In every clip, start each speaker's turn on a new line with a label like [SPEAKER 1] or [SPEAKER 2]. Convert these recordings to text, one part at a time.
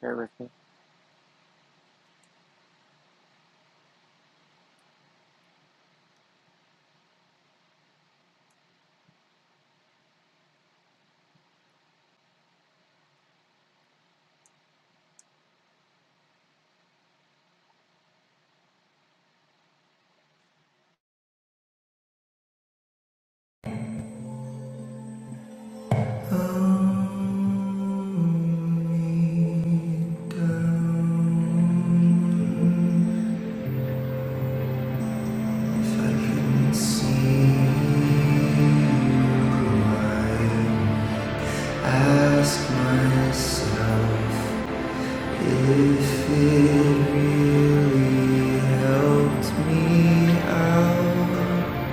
[SPEAKER 1] Bear with me.
[SPEAKER 2] Ask myself if it really helped me out.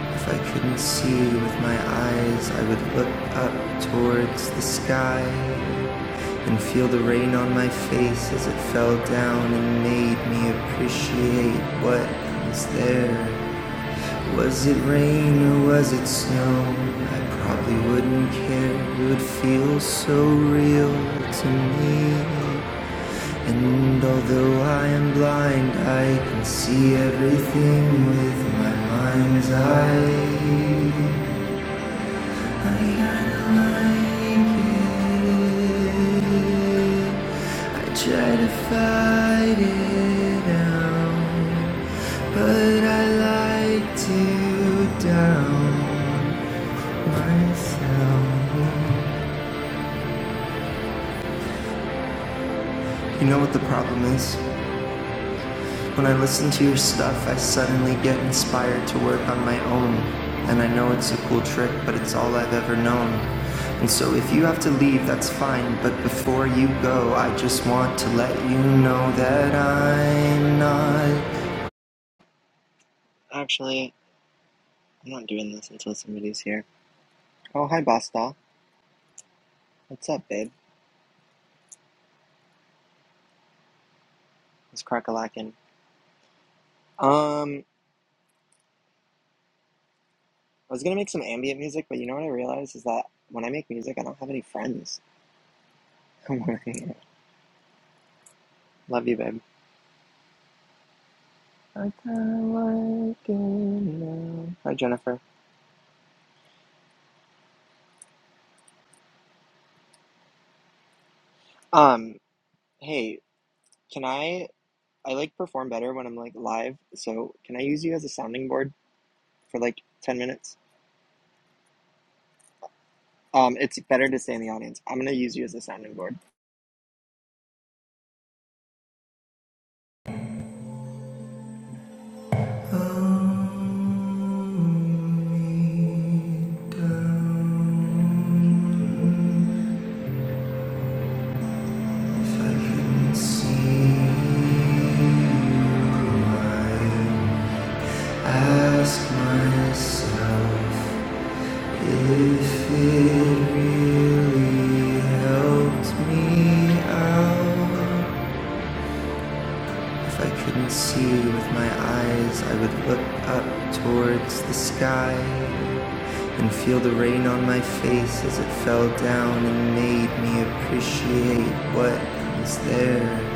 [SPEAKER 2] If I couldn't see with my eyes, I would look up towards the sky and feel the rain on my face as it fell down and made me appreciate what was there. Was it rain or was it snow? I probably wouldn't care. It would feel so real to me. And although I am blind, I can see everything with my mind's eye try to fight it out, but I like to down myself. You know what the problem is? When I listen to your stuff, I suddenly get inspired to work on my own. And I know it's a cool trick, but it's all I've ever known. And so if you have to leave, that's fine. But before you go, I just want to let you know that I'm not.
[SPEAKER 1] Actually, I'm not doing this until somebody's here. Oh, hi, Boss Doll. What's up, babe? It's Crocolakin. Um, I was gonna make some ambient music, but you know what I realized is that when I make music, I don't have any friends. Love you, babe. I kinda like it now. Hi, Jennifer. Um, hey, can I? I like perform better when I'm like live, so can I use you as a sounding board for like 10 minutes? Um, it's better to stay in the audience. I'm gonna use you as a sounding board.
[SPEAKER 2] If I couldn't see you, I'd ask myself. If it really helped me out, if I couldn't see with my eyes, I would look up towards the sky and feel the rain on my face as it fell down and made me appreciate what was there.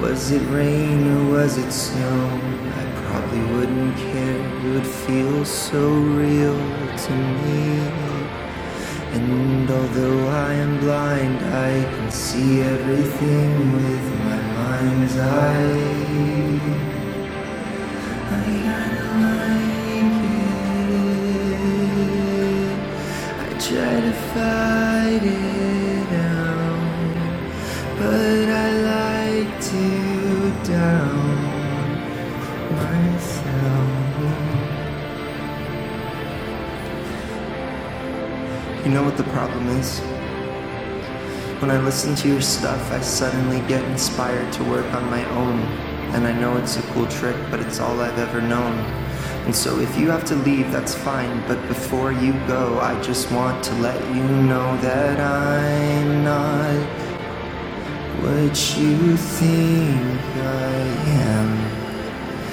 [SPEAKER 2] Was it rain or was it snow? I probably wouldn't care. It would feel so real to me. And although I am blind, I can see everything with my mind's eye. like try to fight it out, but I like to down myself. You know what the problem is? When I listen to your stuff, I suddenly get inspired to work on my own. And I know it's a cool trick, but it's all I've ever known. And so if you have to leave, that's fine. But before you go, I just want to let you know that I'm not what you think I am.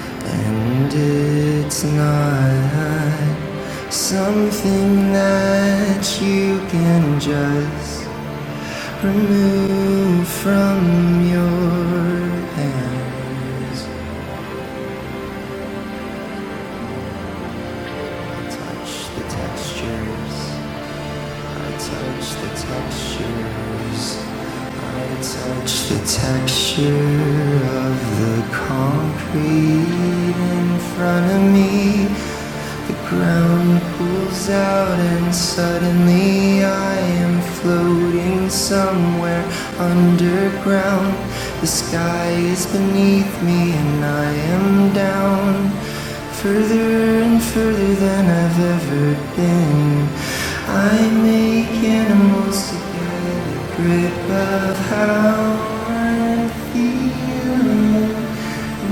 [SPEAKER 2] And it's not something that you can just Remove from your hands. I touch the textures. I touch the texture of the concrete in front of me. The ground pulls out, and suddenly I am floating somewhere underground. The sky is beneath me, and I am down further and further than I've ever been. I make animals to get a grip of how I'm feeling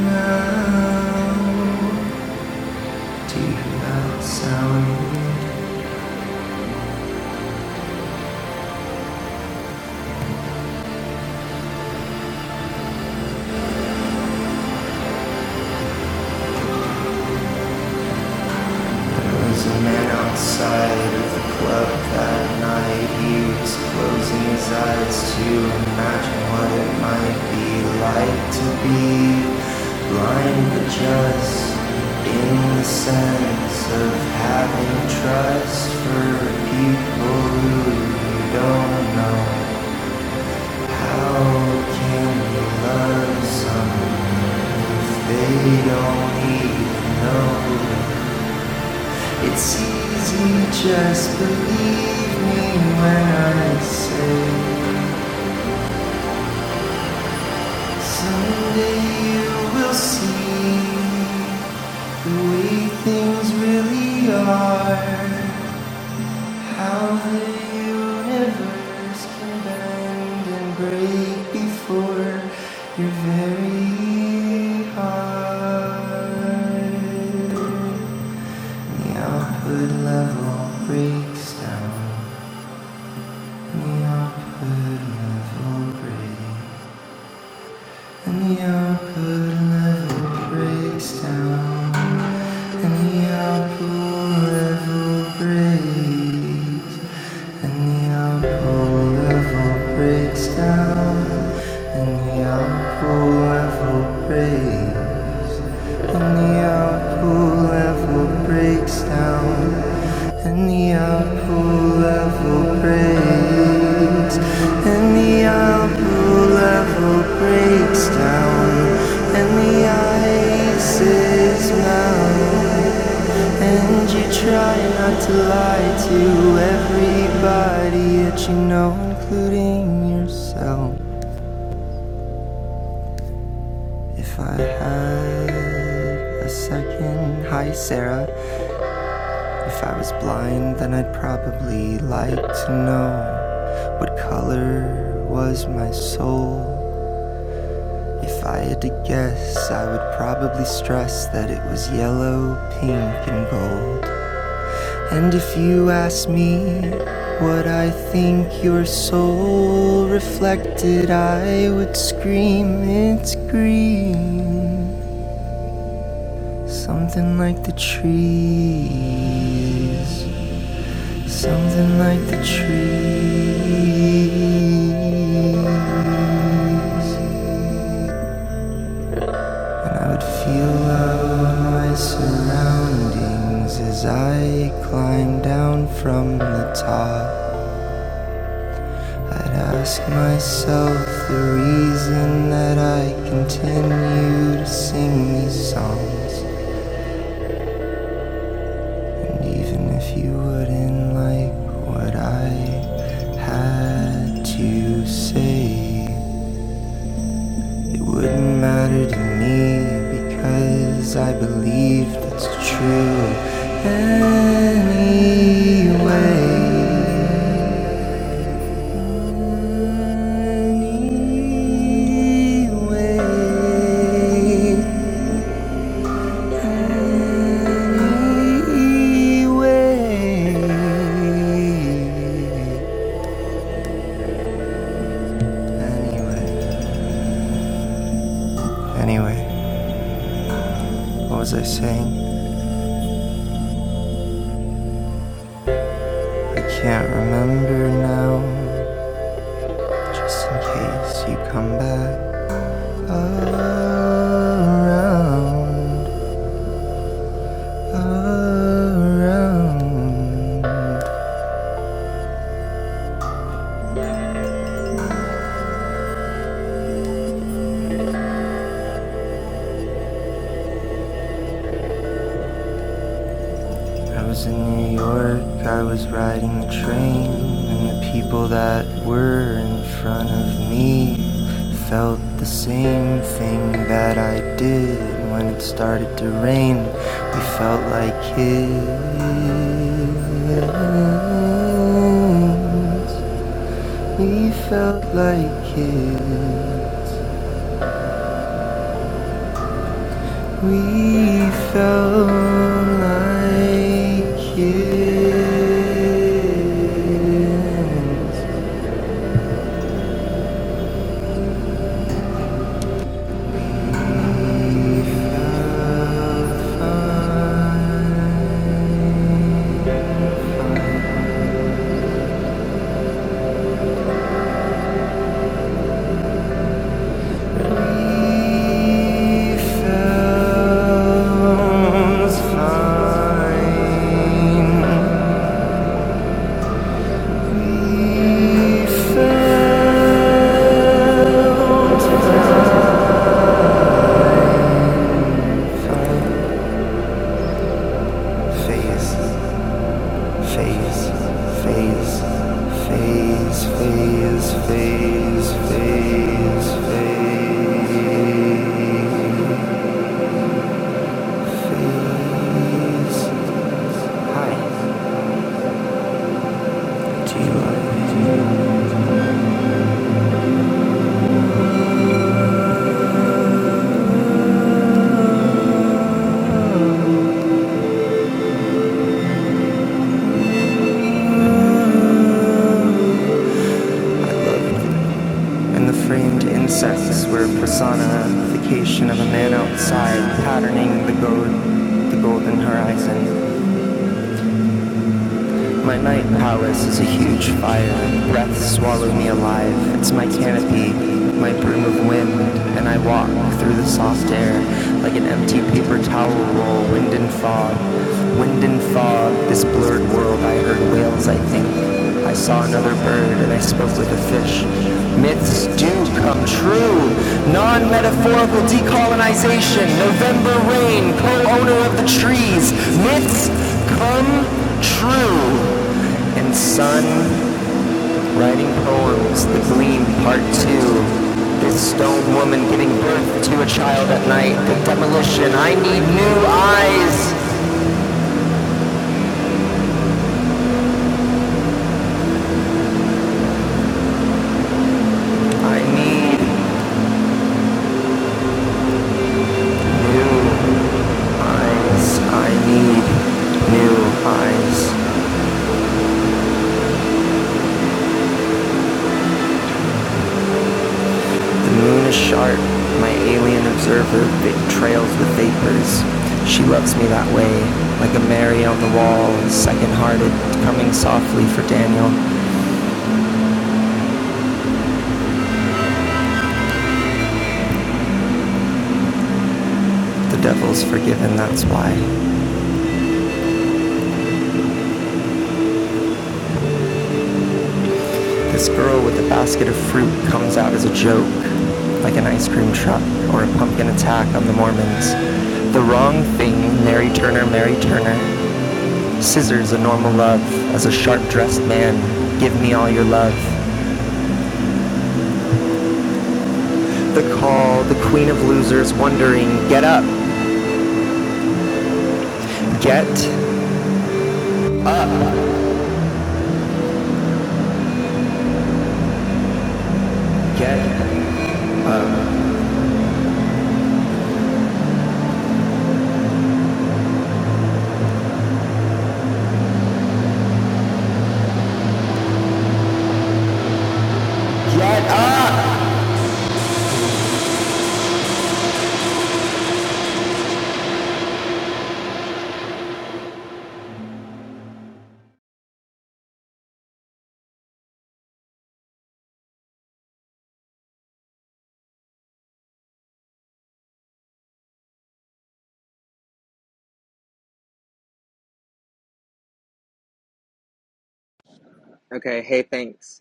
[SPEAKER 2] now. Do you hear that sound? There was a man outside of the club that night. He was closing his eyes to imagine what it might be like to be blind, but just in the sense of having trust for people who you don't know. How can you love someone if they don't even know? It's easy, just believe me when I say someday you will see the way things really are, how the universe can bend and break before your very heart. The output level breaks down. And neon could never breaks down. And the could never breaks. And neon could never breaks down. And neon could never breaks. When the outpool level breaks down, and the outpool level breaks, and the outpool level breaks down, and the ice is melting, and you try not to lie to everybody that you know, including yourself. If I had a second, hi Sarah. If I was blind, then I'd probably like to know what color was my soul. If I had to guess, I would probably stress that it was yellow, pink, and gold. And if you asked me what I think your soul reflected, I would scream, it's green. Something like the trees. Something like the tree, and I would feel all my surroundings as I climbed down from the top. I'd ask myself the reason that I continue to sing these songs, and even if you wouldn't like what I had to say. It wouldn't matter to me because I believe that's true anyway. Anyway. Anyway, what was I saying? I can't remember now. Just in case you come back. Around, around. I was in New York, I was riding the train, and the people that were in front of me felt the same thing that I did when it started to rain. We felt like kids. We felt like kids. We felt like kids. We felt fine. We felt faces. phase, phase, phase, phase, phase, phase, phase. Hi, do you like? And the framed insects were a personification of a man outside, patterning the gold, the golden horizon. My night palace is a huge fire. Breaths swallow me alive. It's my canopy, my broom of wind, and I walk through the soft air like an empty paper towel roll, wind and fog. Wind and fog, this blurred world, I heard whales, I think. I saw another bird and I spoke with a fish. Myths do come true! Non metaphorical decolonization, November rain, co owner of the trees, myths come true. And sun writing poems, The Gleam Part 2. This stone woman giving birth to a child at night, the demolition. I need new eyes. I need new eyes. I need new eyes. The moon is sharp. My alien observer trails with vapors. She loves me that way, like a Mary on the wall, second-hearted, coming softly for Daniel. The devil's forgiven, that's why. This girl with a basket of fruit comes out as a joke, like an ice cream truck or a pumpkin attack on the Mormons. The wrong thing, Mary Turner, Mary Turner. Scissors a normal love, as a sharp-dressed man. Give me all your love. the call, the queen of losers wondering, get up, get, get, get up!
[SPEAKER 1] Okay, hey, thanks.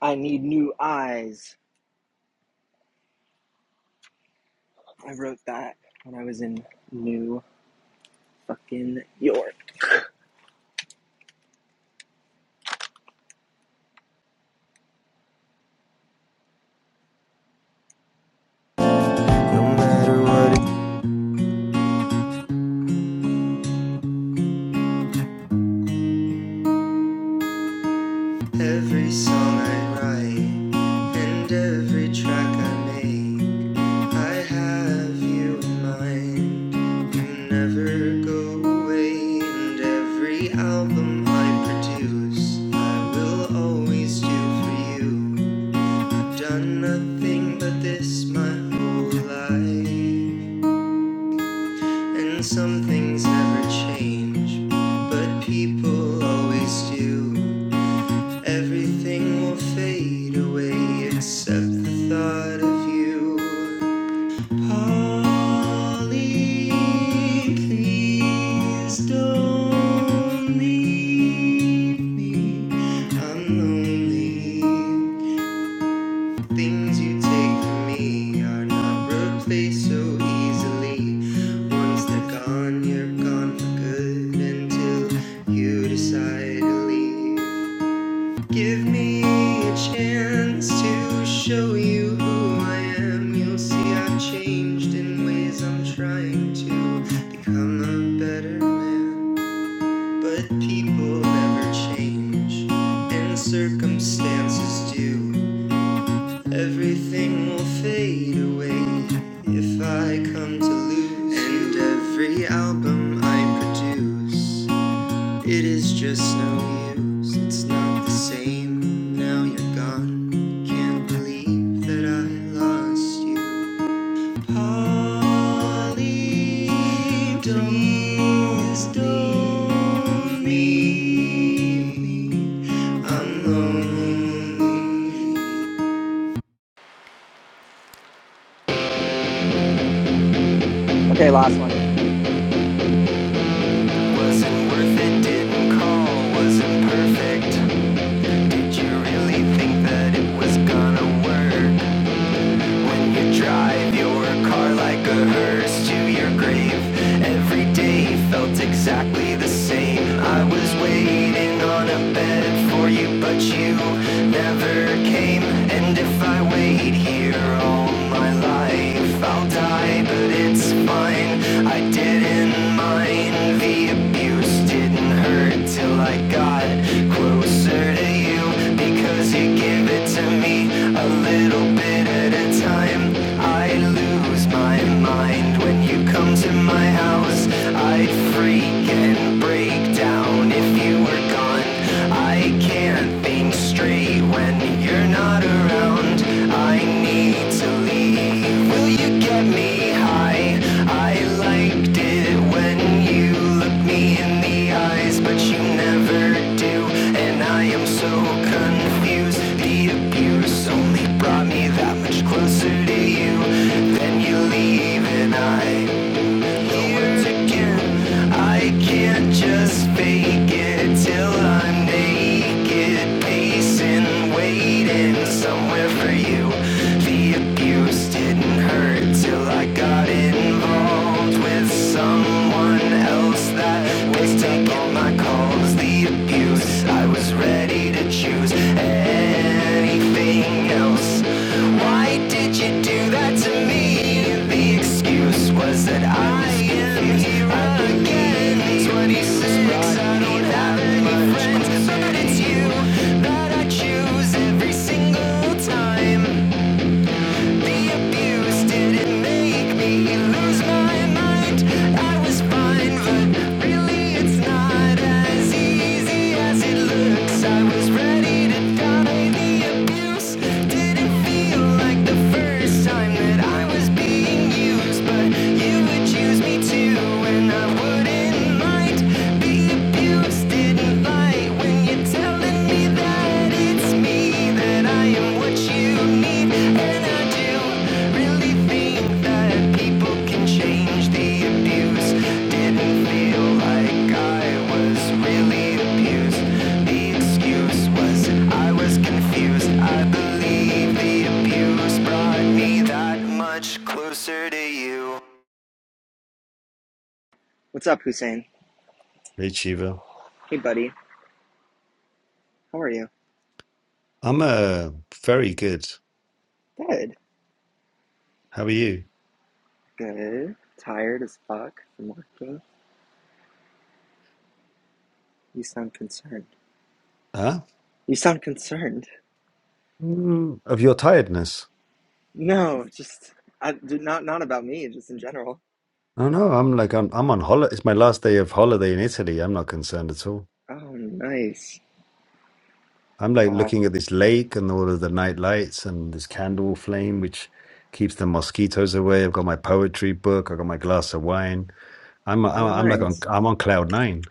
[SPEAKER 1] I need new eyes. I wrote that when I was in New fucking York.
[SPEAKER 2] Every song I write and every track I make, I have you in mind. You never go away, and every album I produce, I will always do for you. I've done nothing but this my whole life. And some things never change, but people always do. Everything will fade away except the thought of you. Polly, please don't leave me. I'm lonely. Things you take from me are not replaced so easily. Once they're gone, you're gone for good until you decide to leave. Give me a chance to show you who I am. You'll see I've changed in ways I'm trying to become a better man. But people never change, and circumstances do. Everything will fade away if I come to lose. you. And every album I produce, it is just no use. It's not the same. Now you're gone. Can't believe that I lost you. Polly, please don't leave me. I'm lonely.
[SPEAKER 1] Okay, last one.
[SPEAKER 2] Wasn't worth it, didn't call, wasn't perfect. Did you really think that it was gonna work? When you drive your car like a hearse to your grave, every day felt exactly the same. I was waiting on a bed for you, but you never came. And if I wait here all my life, I'll die, but it's fine. I didn't mind the the abuse didn't hurt till I got closer to you because you give it to me a little bit at a time. I lose my mind when you come to my house. I'd freak and break down if you were gone. I can't think straight when you're you're not around. I need to leave. Will you get me high? I liked it when you looked me in the eyes, but you never do. And I am so confused. The abuse only brought me that much closer to you. Then you leave, and I here again. I can't just fake it till I'm naked, pacing, waiting somewhere for you. The abuse didn't hurt till I got involved with someone else that was taking my calls. The abuse choose. I was ready to choose anything else. Why did you do that to me? The excuse was that I am here again. 26, I don't have any friends, but it's you that I choose every single time. Didn't like when you're telling me that it's me, that I am what you need. And I do really think that people can change the abuse. Didn't feel like I was really abused. The excuse was I was confused. I believe the abuse brought me that much closer to you.
[SPEAKER 1] What's up, Hussein?
[SPEAKER 3] Great, Shiva.
[SPEAKER 1] Hey, buddy. How are you?
[SPEAKER 3] I'm uh very good.
[SPEAKER 1] Good.
[SPEAKER 3] How are you?
[SPEAKER 1] Good. Tired as fuck from working. You sound concerned.
[SPEAKER 3] Huh?
[SPEAKER 1] You sound concerned.
[SPEAKER 3] Mm, of your tiredness.
[SPEAKER 1] No, just I not not about me, just in general.
[SPEAKER 3] Oh no, I'm like I'm I'm on holiday. It's my last day of holiday in Italy. I'm not concerned at all.
[SPEAKER 1] Oh, nice.
[SPEAKER 3] I'm like
[SPEAKER 1] Wow.
[SPEAKER 3] looking at this lake and all of the night lights and this candle flame which keeps the mosquitoes away. I've got my poetry book. I've got my glass of wine. I'm I'm,
[SPEAKER 1] Oh,
[SPEAKER 3] I'm like on
[SPEAKER 1] nice.
[SPEAKER 3] I'm on cloud nine.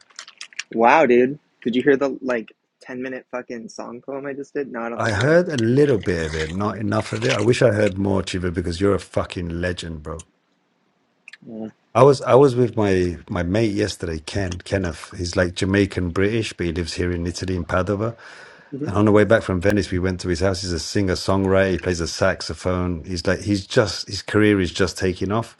[SPEAKER 1] Wow, dude. Did you hear the like ten minute fucking song poem I just did? No, I don't
[SPEAKER 3] I
[SPEAKER 1] think you were in
[SPEAKER 3] heard a little bit of it, not enough of it. I wish I heard more, Chiva, because you're a fucking legend, bro.
[SPEAKER 1] the room.
[SPEAKER 3] I was I was with my my mate yesterday, Ken Kenneth. He's like Jamaican British, but he lives here in Italy in Padova.
[SPEAKER 1] mm
[SPEAKER 3] And on the way back from Venice, we went to his house. He's a singer songwriter. He plays the saxophone. He's like he's just his career is just taking off.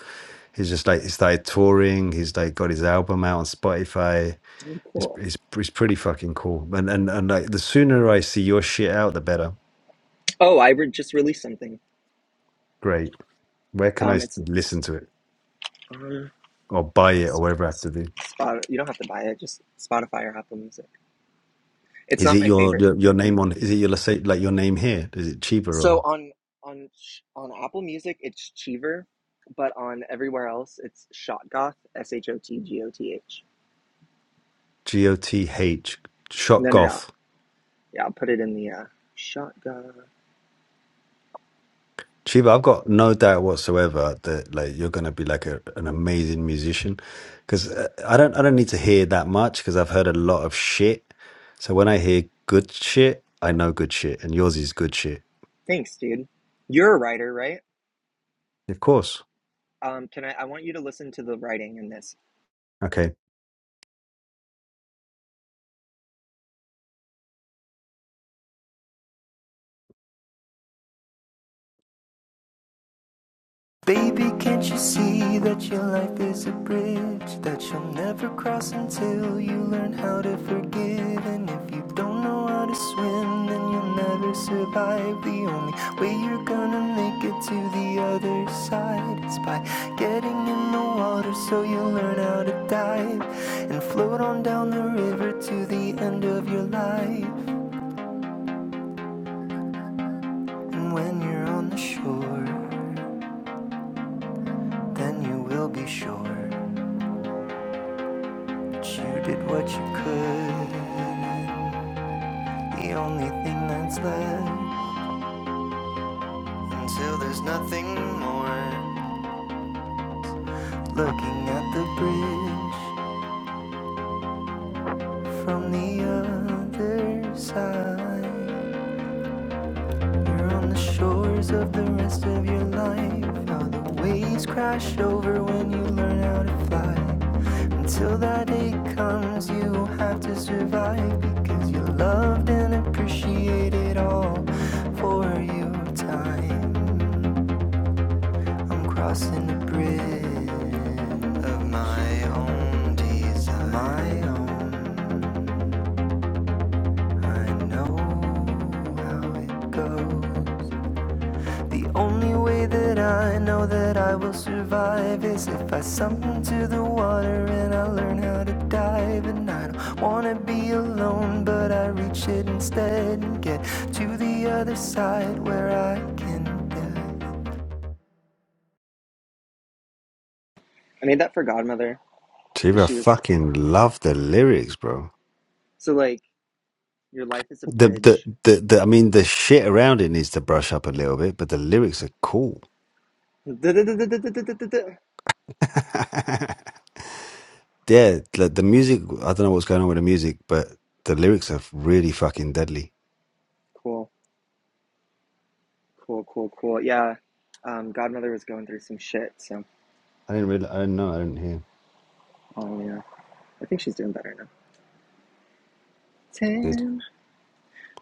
[SPEAKER 3] He's just like he started touring. He's like got his album out on Spotify.
[SPEAKER 1] hmm
[SPEAKER 3] It's
[SPEAKER 1] cool.
[SPEAKER 3] it's, it's pretty fucking cool. And and and like the sooner I see your shit out, the better.
[SPEAKER 1] Oh, I re- just released something.
[SPEAKER 3] Great. Where can I
[SPEAKER 1] Um,
[SPEAKER 3] s-
[SPEAKER 1] it's
[SPEAKER 3] listen to it
[SPEAKER 1] on
[SPEAKER 3] or buy it or
[SPEAKER 1] it's,
[SPEAKER 3] whatever I have to do?
[SPEAKER 1] Spot. You don't have to buy it. Just Spotify or Apple Music. It's
[SPEAKER 3] Is
[SPEAKER 1] not
[SPEAKER 3] it
[SPEAKER 1] my
[SPEAKER 3] your
[SPEAKER 1] favorite.
[SPEAKER 3] your, your name on? Is it your let's say like your name here? Is it Chiba
[SPEAKER 1] So
[SPEAKER 3] or
[SPEAKER 1] on on on Apple Music, it's Cheever, but on everywhere else, it's Shotgoth. S H O T G O T H.
[SPEAKER 3] G O T H Shot
[SPEAKER 1] No, no, no.
[SPEAKER 3] Goth?
[SPEAKER 1] Yeah, I'll put it in the uh, Shotgoth.
[SPEAKER 3] Chiba, I've got no doubt whatsoever that like you're gonna be like a, an amazing musician, because I don't I don't need to hear that much because I've heard a lot of shit. So when I hear good shit, I know good shit, and yours is good shit,
[SPEAKER 1] Thanks, dude. You're a writer, right?
[SPEAKER 3] of course.
[SPEAKER 1] Um, can I? I want you to listen to the writing in this.
[SPEAKER 3] Okay,
[SPEAKER 2] Baby, can't you see that your life is a bridge that you'll never cross until you learn how to forgive? And if you don't know how to swim, then you'll never survive. The only way you're gonna make it to the other side is by getting in the water so you learn how to dive and float on down the river to the end of your life. And when you're on the shore, then you will be sure that you did what you could. The only thing that's left until there's nothing more. Looking at the bridge from the other side. You're on the shores of the rest of your life. How the waves crash over when you learn how to fly. Until that day comes, you will have to survive because you're loved and appreciated all for your time. I'm crossing the bridge. of my own desire. My own, I know how it goes. The only way that I know that I will survive is if I sink into the water and I learn how to dive. And I don't wanna be alone, but I reach it instead and get to the.
[SPEAKER 1] I made that for Godmother because
[SPEAKER 3] Chiba, I
[SPEAKER 1] she was
[SPEAKER 3] fucking love the lyrics, bro.
[SPEAKER 1] so like. Your life is a
[SPEAKER 3] The, the
[SPEAKER 1] bridge.
[SPEAKER 3] the the I mean the shit around it needs to brush up a little bit, but the lyrics are cool. yeah, the, the music. I don't know what's going on with the music, but the lyrics are really fucking deadly.
[SPEAKER 1] Cool, cool, cool, cool. Yeah, um, Godmother was going through some shit, so
[SPEAKER 3] I didn't really. I didn't know. I didn't hear.
[SPEAKER 1] oh yeah, I think she's doing better now.
[SPEAKER 3] Good.
[SPEAKER 1] Tim,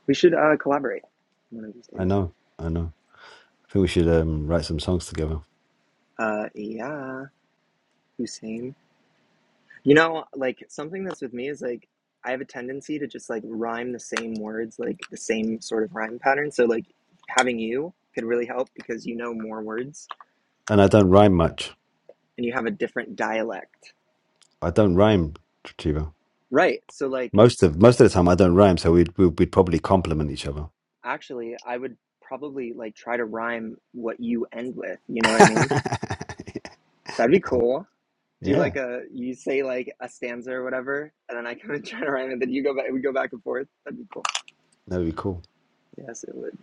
[SPEAKER 1] we should uh, collaborate one of these
[SPEAKER 3] I
[SPEAKER 1] days.
[SPEAKER 3] know. I know. I think we should um, write some songs together.
[SPEAKER 1] Uh, yeah, Hussein. You know, like something that's with me is like I have a tendency to just like rhyme the same words, like the same sort of rhyme pattern. So like having you could really help because you know more words
[SPEAKER 3] And I don't rhyme much.
[SPEAKER 1] and you have a different dialect.
[SPEAKER 3] I don't rhyme, Chivo.
[SPEAKER 1] Right. So like
[SPEAKER 3] Most of most of the time, I don't rhyme, so we'd we'd, we'd probably compliment each other.
[SPEAKER 1] Actually, I would probably like try to rhyme what you end with. You know what I mean? That'd be cool. Do
[SPEAKER 3] yeah,
[SPEAKER 1] like a you say like a stanza or whatever, and then I kind of try to rhyme it. Then you go back. We go back and forth. That'd be cool.
[SPEAKER 3] that'd be cool.
[SPEAKER 1] Yes, it would.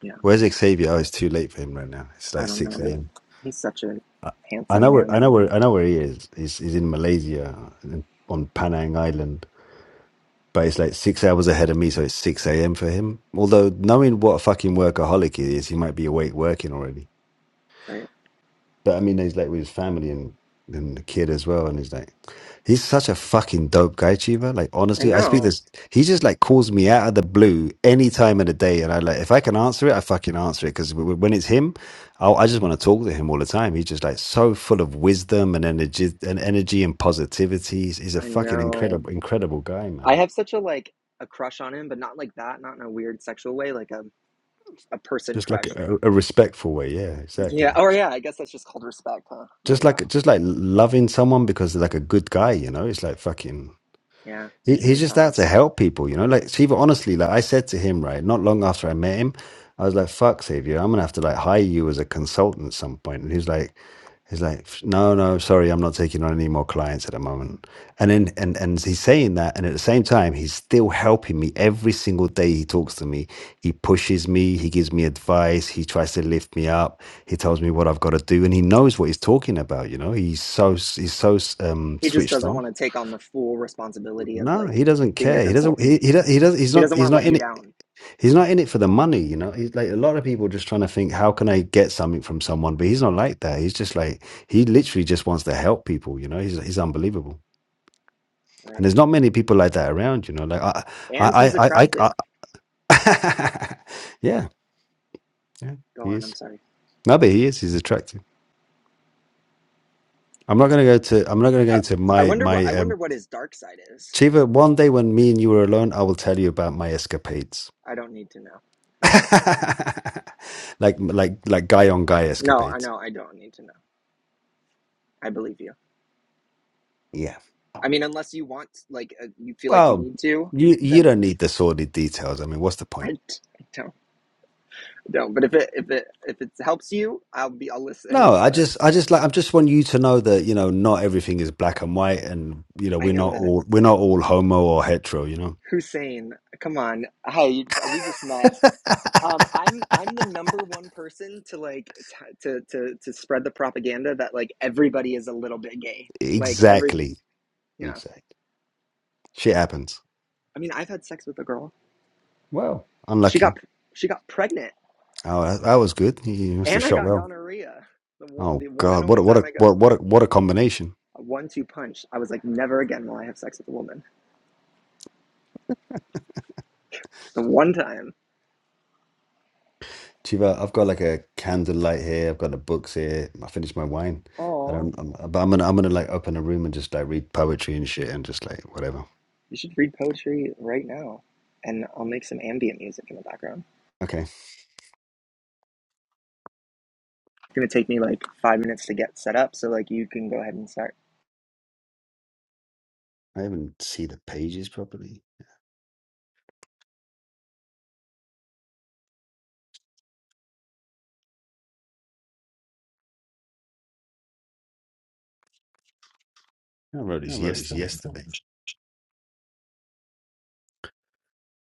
[SPEAKER 1] Yeah.
[SPEAKER 3] Where's Xavier? Oh, it's too late for him right now. It's
[SPEAKER 1] I
[SPEAKER 3] like
[SPEAKER 1] don't
[SPEAKER 3] six
[SPEAKER 1] know, but
[SPEAKER 3] a.m.
[SPEAKER 1] he's such a
[SPEAKER 3] I I
[SPEAKER 1] handsome
[SPEAKER 3] know where
[SPEAKER 1] man,
[SPEAKER 3] I know where I know where he is. He's, he's in Malaysia, in- on Panang Island. but it's like six hours ahead of me, so it's 6 a.m. for him. Although, knowing what a fucking workaholic he is, he might be awake working already.
[SPEAKER 1] right?
[SPEAKER 3] But I mean, he's like with his family and, and the kid as well. And he's like, he's such a fucking dope guy, Chiva. Like,
[SPEAKER 1] I
[SPEAKER 3] honestly, I speak
[SPEAKER 1] know.
[SPEAKER 3] this, he just like calls me out of the blue any time of the day. And I like, if I can answer it, I fucking answer it. Cause when it's him, i I just want to talk to him all the time. He's just like so full of wisdom and energy and energy and positivity. He's, he's a
[SPEAKER 1] I
[SPEAKER 3] fucking
[SPEAKER 1] know.
[SPEAKER 3] incredible, incredible guy, man.
[SPEAKER 1] I have such a like a crush on him, but not like that. Not in a weird sexual way. Like a a person
[SPEAKER 3] just like
[SPEAKER 1] crush.
[SPEAKER 3] a, a respectful way yeah
[SPEAKER 1] Yeah.
[SPEAKER 3] exactly
[SPEAKER 1] Or yeah. I guess that's just called respect, huh? There
[SPEAKER 3] just
[SPEAKER 1] you
[SPEAKER 3] like
[SPEAKER 1] go.
[SPEAKER 3] just like loving someone because they're like a good guy you know it's like fucking
[SPEAKER 1] Yeah.
[SPEAKER 3] he,
[SPEAKER 1] And
[SPEAKER 3] he's
[SPEAKER 1] he's
[SPEAKER 3] just
[SPEAKER 1] hot.
[SPEAKER 3] out to help people you know like shiva honestly like i said to him right not long after i met him i was like fuck Xavier, i'm gonna have to like hire you as a consultant at some point point." and he's like He's like, no, no, sorry, I'm not taking on any more clients at the moment. And then, and and he's saying that, and at the same time, he's still helping me every single day. He talks to me, he pushes me, he gives me advice, he tries to lift me up, he tells me what I've got to do, and he knows what he's talking about. You know, he's so he's so um,
[SPEAKER 1] he just
[SPEAKER 3] switched
[SPEAKER 1] doesn't
[SPEAKER 3] on.
[SPEAKER 1] want to take on the full responsibility of
[SPEAKER 3] No, he
[SPEAKER 1] like
[SPEAKER 3] doesn't
[SPEAKER 1] being your
[SPEAKER 3] care. He doesn't. He
[SPEAKER 1] consultant.
[SPEAKER 3] he, do- he does. He's
[SPEAKER 1] He
[SPEAKER 3] not.
[SPEAKER 1] doesn't want
[SPEAKER 3] He's
[SPEAKER 1] to
[SPEAKER 3] not
[SPEAKER 1] let
[SPEAKER 3] in it
[SPEAKER 1] you down,
[SPEAKER 3] He's not in it for the money, you know. He's like a lot of people just trying to think, how can I get something from someone? But he's not like that. He's just like he literally just wants to help people, you know. He's he's unbelievable, and
[SPEAKER 1] right?
[SPEAKER 3] there's not many people like that around, you know. Like I, I,
[SPEAKER 1] And
[SPEAKER 3] I,
[SPEAKER 1] he's
[SPEAKER 3] I, I,
[SPEAKER 1] attractive.
[SPEAKER 3] I yeah, yeah,
[SPEAKER 1] Go
[SPEAKER 3] he
[SPEAKER 1] on. I'm
[SPEAKER 3] is.
[SPEAKER 1] sorry.
[SPEAKER 3] No, but he is. He's attractive. I'm not gonna go to. I'm not gonna go
[SPEAKER 1] I,
[SPEAKER 3] into
[SPEAKER 1] I
[SPEAKER 3] my
[SPEAKER 1] wonder what
[SPEAKER 3] my.
[SPEAKER 1] I
[SPEAKER 3] Um,
[SPEAKER 1] wonder what his dark side is.
[SPEAKER 3] Chiva, one day when me and you are alone, I will tell you about my escapades,
[SPEAKER 1] I don't need to know. He's saying,
[SPEAKER 3] like like like guy on guy
[SPEAKER 1] no, I
[SPEAKER 3] escapades.
[SPEAKER 1] know I don't need to know. I believe you. I mean, unless you want, like, uh, you feel like you
[SPEAKER 3] Well,
[SPEAKER 1] need to,
[SPEAKER 3] you you
[SPEAKER 1] then
[SPEAKER 3] don't need the sordid details. I mean, what's the
[SPEAKER 1] I, I
[SPEAKER 3] point?
[SPEAKER 1] don't I don't. But if it if it if it helps you, I'll be I'll
[SPEAKER 3] No,
[SPEAKER 1] listen.
[SPEAKER 3] I
[SPEAKER 1] But
[SPEAKER 3] just I just like I just want you to know that you know not everything is black and white, and you know
[SPEAKER 1] I
[SPEAKER 3] we're
[SPEAKER 1] know
[SPEAKER 3] not
[SPEAKER 1] that
[SPEAKER 3] all we're not all homo or hetero. You know
[SPEAKER 1] Hussein. Come on. Hi. We just met. Um, I'm I'm the number one person to like t- to to to spread the propaganda that like everybody is a little bit gay. Like every
[SPEAKER 3] exactly,
[SPEAKER 1] yeah.
[SPEAKER 3] exactly. Shit happens.
[SPEAKER 1] I mean, I've had sex with a girl.
[SPEAKER 3] Well,
[SPEAKER 1] She
[SPEAKER 3] unlucky.
[SPEAKER 1] got she got pregnant,
[SPEAKER 3] Oh, that, that was good. You you must have
[SPEAKER 1] and I
[SPEAKER 3] shot
[SPEAKER 1] got
[SPEAKER 3] well.
[SPEAKER 1] gonorrhea. The one,
[SPEAKER 3] Oh
[SPEAKER 1] the one and
[SPEAKER 3] God, what
[SPEAKER 1] only
[SPEAKER 3] a, what
[SPEAKER 1] time
[SPEAKER 3] a
[SPEAKER 1] I got
[SPEAKER 3] what what a, what a combination.
[SPEAKER 1] a one-two punch. I was like, never again will I have sex with a woman. The one time.
[SPEAKER 3] Chiva, I've got like a candlelight here. I've got the books here. I finished my wine. I
[SPEAKER 1] Oh,
[SPEAKER 3] don't. I'm, but I'm gonna. I'm gonna like open a room and just like read poetry and shit and just like whatever.
[SPEAKER 1] you should read poetry right now, and I'll make some ambient music in the background.
[SPEAKER 3] Okay,
[SPEAKER 1] It's gonna take me like five minutes to get set up, so like you can go ahead and start.
[SPEAKER 3] I haven't seen the pages properly. I wrote this yesterday.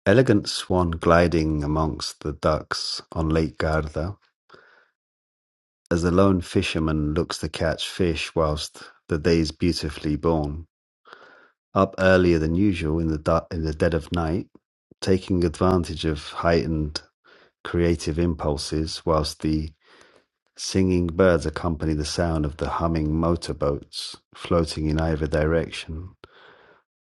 [SPEAKER 3] Elegant swan gliding amongst the ducks on Lake Garda, as the lone fisherman looks to catch fish whilst the days beautifully born. Up earlier than usual in the, du- in the dead of night, taking advantage of heightened creative impulses whilst the singing birds accompany the sound of the humming motorboats floating in either direction.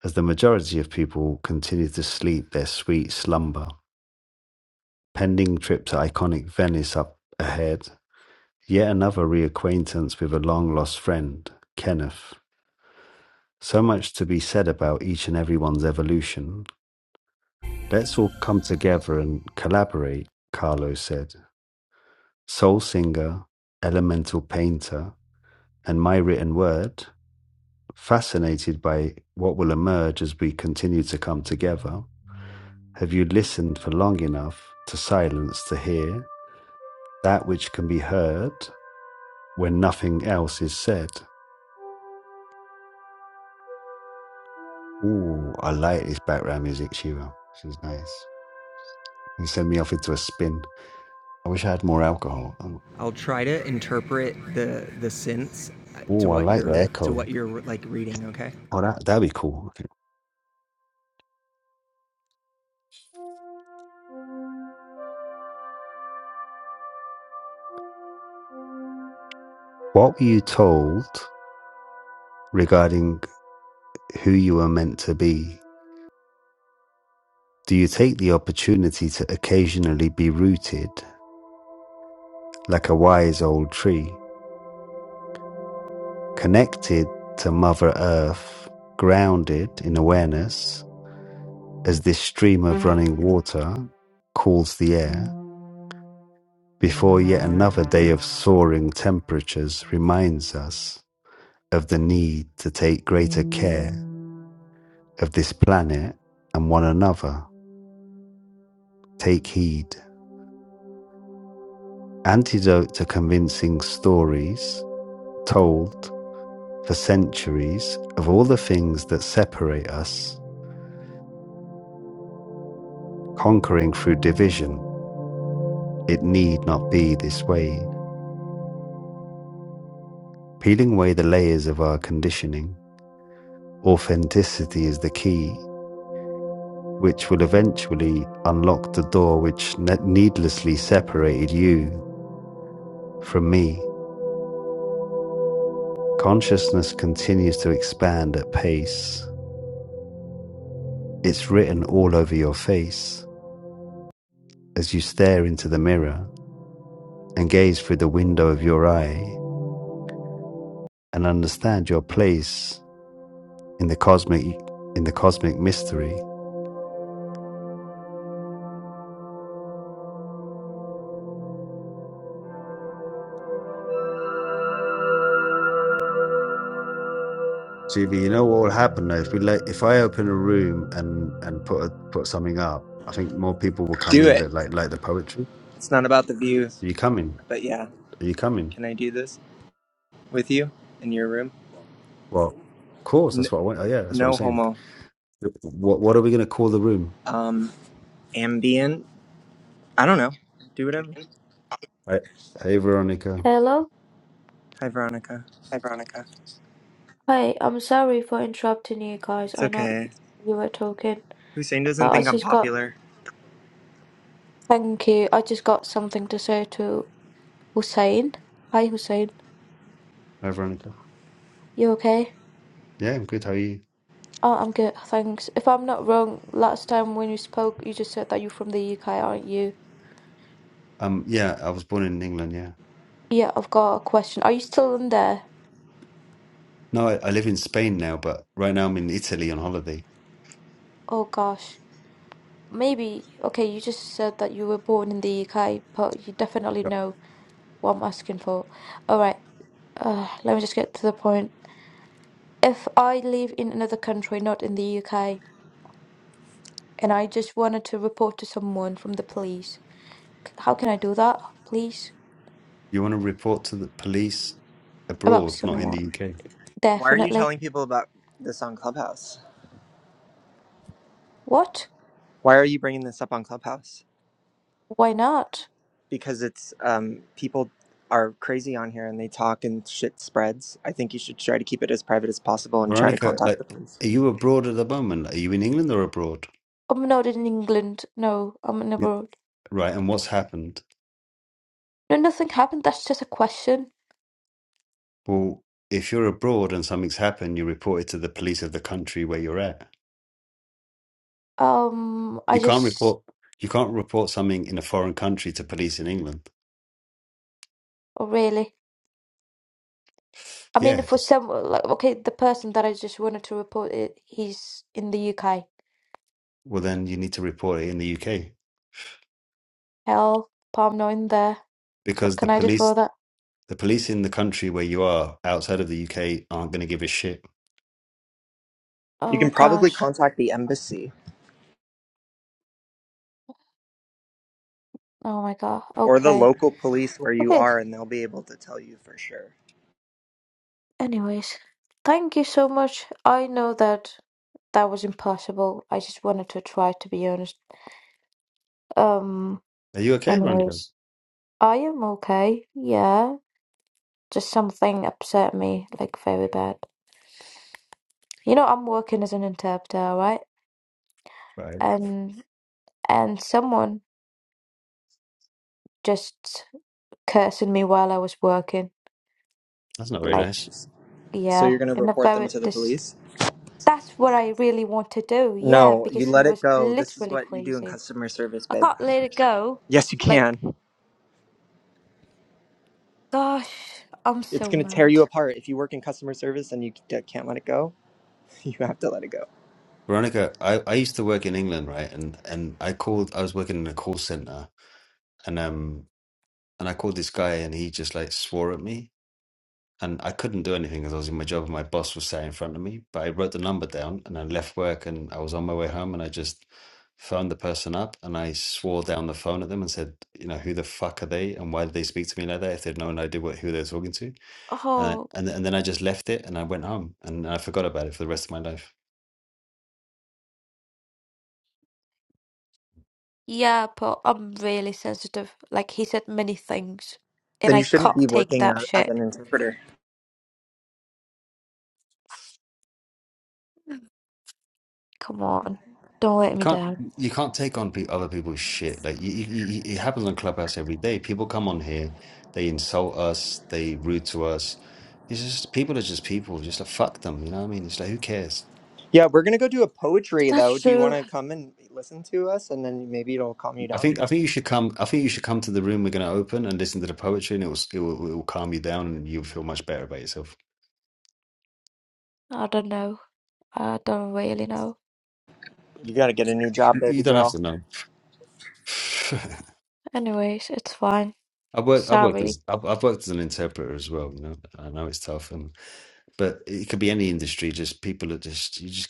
[SPEAKER 3] as the majority of people continue to sleep their sweet slumber. Pending trip to iconic Venice up ahead, yet another reacquaintance with a long lost friend, Kenneth. So much to be said about each and everyone's evolution. Let's all come together and collaborate, Carlo said. Soul singer, elemental painter, and my written word, fascinated by what will emerge as we continue to come together. Have you listened for long enough to silence to hear that which can be heard when nothing else is said? Ooh, I like this background music, Shiro. This is nice. You send me off into a spin. I wish I had more alcohol. Oh,
[SPEAKER 2] I'll try to interpret the the sense to
[SPEAKER 3] Ooh, I
[SPEAKER 2] what
[SPEAKER 3] like the
[SPEAKER 2] you're to
[SPEAKER 3] echo.
[SPEAKER 2] what you're like reading. Okay.
[SPEAKER 3] Oh, that that'd be cool. Okay. What were you told regarding who you were meant to be? Do you take the opportunity to occasionally be rooted like a wise old tree? Connected to Mother Earth, grounded in awareness as this stream of running water cools the air, before yet another day of soaring temperatures reminds us of the need to take greater care of this planet and one another. Take heed. Antidote to convincing stories told for centuries of all the things that separate us, conquering through division It need not be this way. Peeling away the layers of our conditioning, authenticity is the key, which will eventually unlock the door which ne- needlessly separated you from me. Consciousness continues to expand at pace. It's written all over your face as you stare into the mirror and gaze through the window of your eye and understand your place in the cosmic in the cosmic mystery CV, you know what will happen though if we let if I open a room and and put a, put something up, I think more people will come
[SPEAKER 1] Do
[SPEAKER 3] in
[SPEAKER 1] it.
[SPEAKER 3] that like like the poetry.
[SPEAKER 1] It's not about the views,
[SPEAKER 3] Are you coming?
[SPEAKER 1] but yeah,
[SPEAKER 3] Are you coming?
[SPEAKER 1] can I do this with you in your room?
[SPEAKER 3] Well, of course.
[SPEAKER 1] N-
[SPEAKER 3] That's what I want. Oh, yeah, that's what I'm
[SPEAKER 1] no
[SPEAKER 3] saying.
[SPEAKER 1] homo.
[SPEAKER 3] What what are we gonna call the room?
[SPEAKER 1] Um, ambient. I don't know. Do whatever.
[SPEAKER 3] Right. Hey Veronica.
[SPEAKER 4] Hello?
[SPEAKER 1] Hi, Veronica.
[SPEAKER 4] Hey, I'm sorry for interrupting you guys.
[SPEAKER 1] It's
[SPEAKER 4] I know y-
[SPEAKER 1] okay.
[SPEAKER 4] you were talking,
[SPEAKER 1] Hussein
[SPEAKER 4] but
[SPEAKER 1] doesn't
[SPEAKER 4] I
[SPEAKER 1] think I'm
[SPEAKER 4] just got,
[SPEAKER 1] popular.
[SPEAKER 4] thank you. I just got something to say to Hussein. Hi, Hussein.
[SPEAKER 3] Hi Veronica.
[SPEAKER 4] You okay?
[SPEAKER 3] Yeah, I'm good. How are you?
[SPEAKER 4] Oh, I'm good. Thanks. If I'm not wrong, last time when you spoke, you just said that you're from the UK, aren't you?
[SPEAKER 3] Um, yeah, I was born in England. Yeah.
[SPEAKER 4] Yeah, I've got a question. Are you still in there?
[SPEAKER 3] No, I, I live in Spain now, but right now I'm in Italy on holiday.
[SPEAKER 4] Oh gosh. Maybe, okay, you just said that you were born in the UK, but you definitely
[SPEAKER 3] Yep.
[SPEAKER 4] know what I'm asking for. All right. Uh, let me just get to the point. If I live in another country, not in the UK, and I just wanted to report to someone from the police, how can I do that, please?
[SPEAKER 3] You want to report to the police
[SPEAKER 4] About
[SPEAKER 3] abroad, not in the
[SPEAKER 4] someone.
[SPEAKER 3] UK.
[SPEAKER 1] Why are you
[SPEAKER 4] Definitely.
[SPEAKER 1] telling people about this on Clubhouse?
[SPEAKER 4] What?
[SPEAKER 1] Why are you bringing this up on Clubhouse?
[SPEAKER 4] Why not?
[SPEAKER 1] Because it's um, people are crazy on here and they talk and shit spreads. I think you should try to keep it as private as possible and try to
[SPEAKER 3] Veronica,
[SPEAKER 1] contact the
[SPEAKER 3] like,
[SPEAKER 1] police.
[SPEAKER 3] are you abroad at the moment? Like, Are you in England or abroad?
[SPEAKER 4] I'm not in England. No, I'm in
[SPEAKER 3] You-
[SPEAKER 4] abroad.
[SPEAKER 3] Right, and what's happened?
[SPEAKER 4] No, nothing happened. That's just a question.
[SPEAKER 3] Well, if you're abroad and something's happened, you report it to the police of the country where you're at.
[SPEAKER 4] Um, I
[SPEAKER 3] You can't
[SPEAKER 4] just,
[SPEAKER 3] report you can't report something in a foreign country to police in England.
[SPEAKER 4] oh, really. I mean,
[SPEAKER 3] Yeah.
[SPEAKER 4] for
[SPEAKER 3] it's-
[SPEAKER 4] some, like, okay, the person that I just wanted to report it, he's in the UK.
[SPEAKER 3] Well, then you need to report it in the UK
[SPEAKER 4] Hell, palm i not in there. So what
[SPEAKER 3] because the
[SPEAKER 4] can I do for
[SPEAKER 3] police
[SPEAKER 4] that?
[SPEAKER 3] the police in the country where you are outside of the UK aren't going to give a shit.
[SPEAKER 1] You
[SPEAKER 4] Oh
[SPEAKER 1] can probably
[SPEAKER 4] gosh.
[SPEAKER 1] contact the embassy
[SPEAKER 4] Oh my God.
[SPEAKER 1] or the
[SPEAKER 4] Okay.
[SPEAKER 1] local police where you
[SPEAKER 4] Okay.
[SPEAKER 1] are and they'll be able to tell you for sure.
[SPEAKER 4] Anyways, thank you so much. I know that that was impossible. I just wanted to try, to be honest. Um,
[SPEAKER 3] Are you okay, Veronica?
[SPEAKER 4] anyways, I am okay. Yeah. Just something upset me, like very bad. You know, I'm working as an interpreter, right?
[SPEAKER 3] Right.
[SPEAKER 4] And and someone just cursing me while I was working.
[SPEAKER 3] That's not very
[SPEAKER 4] Like,
[SPEAKER 3] nice.
[SPEAKER 1] So
[SPEAKER 4] yeah,
[SPEAKER 1] you're going to
[SPEAKER 4] in a
[SPEAKER 1] report them
[SPEAKER 4] very
[SPEAKER 1] to the
[SPEAKER 4] this
[SPEAKER 1] police?
[SPEAKER 4] that's what I really want to do. Yeah,
[SPEAKER 1] No, you
[SPEAKER 4] because he
[SPEAKER 1] let it
[SPEAKER 4] was
[SPEAKER 1] go. This is
[SPEAKER 4] literally
[SPEAKER 1] what you do in
[SPEAKER 4] crazy.
[SPEAKER 1] customer service,
[SPEAKER 4] I
[SPEAKER 1] babe.
[SPEAKER 4] can't let it go.
[SPEAKER 1] Yes, you
[SPEAKER 4] Like,
[SPEAKER 1] can.
[SPEAKER 4] gosh, I'm
[SPEAKER 1] It's
[SPEAKER 4] so
[SPEAKER 1] going to tear
[SPEAKER 4] mad.
[SPEAKER 1] you apart. If you work in customer service and you c- uh, can't let it go, you have to let it go.
[SPEAKER 3] Veronica, I, I used to work in England, right? And and I called I was working in a call center and um and I called this guy and he just like swore at me and I couldn't do anything because I was in my job and my boss was sat in front of me. But I wrote the number down and I left work and I was on my way home and I just phoned the person up and I swore down the phone at them and said, you know, who the fuck are they and why did they speak to me like that if they'd known I did what who they were talking to? And I,
[SPEAKER 4] Oh,
[SPEAKER 3] and and then I just left it and I went home and I forgot about it for the rest of my life.
[SPEAKER 4] yeah, but I'm really sensitive. Like, he said many things, and
[SPEAKER 1] Then
[SPEAKER 4] I
[SPEAKER 1] you shouldn't
[SPEAKER 4] can't
[SPEAKER 1] be
[SPEAKER 4] take
[SPEAKER 1] working
[SPEAKER 4] that
[SPEAKER 1] a- as
[SPEAKER 4] shit.
[SPEAKER 1] an interpreter.
[SPEAKER 4] Come on, don't let
[SPEAKER 3] You
[SPEAKER 4] me
[SPEAKER 3] can't
[SPEAKER 4] down.
[SPEAKER 3] you can't take on pe other people's shit. Like you, you, you, you- it happens on Clubhouse every day. People come on here, they insult us, they rude to us. It's just people are just people. Just like fuck them, you know what I mean? It's like who cares?
[SPEAKER 1] Yeah, we're going to go do a poetry,
[SPEAKER 4] That's
[SPEAKER 1] though. Do you want
[SPEAKER 4] true.
[SPEAKER 1] to come and listen to us and then maybe it'll calm you
[SPEAKER 3] I
[SPEAKER 1] down?
[SPEAKER 3] think I think you should come. I think you should come to the room we're gonna open and listen to the poetry, and it will it will, it will calm you down, and you'll feel much better about yourself.
[SPEAKER 4] I don't know. I don't really know.
[SPEAKER 1] You got to get a new job,
[SPEAKER 3] You, you
[SPEAKER 1] baby
[SPEAKER 3] don't have
[SPEAKER 1] girl.
[SPEAKER 3] to know.
[SPEAKER 4] Anyways, it's fine.
[SPEAKER 3] I work. I worked
[SPEAKER 4] Sorry.
[SPEAKER 3] as I've, I've worked as an interpreter as well. You know, I know it's tough, and but it could be any industry. Just people are just you just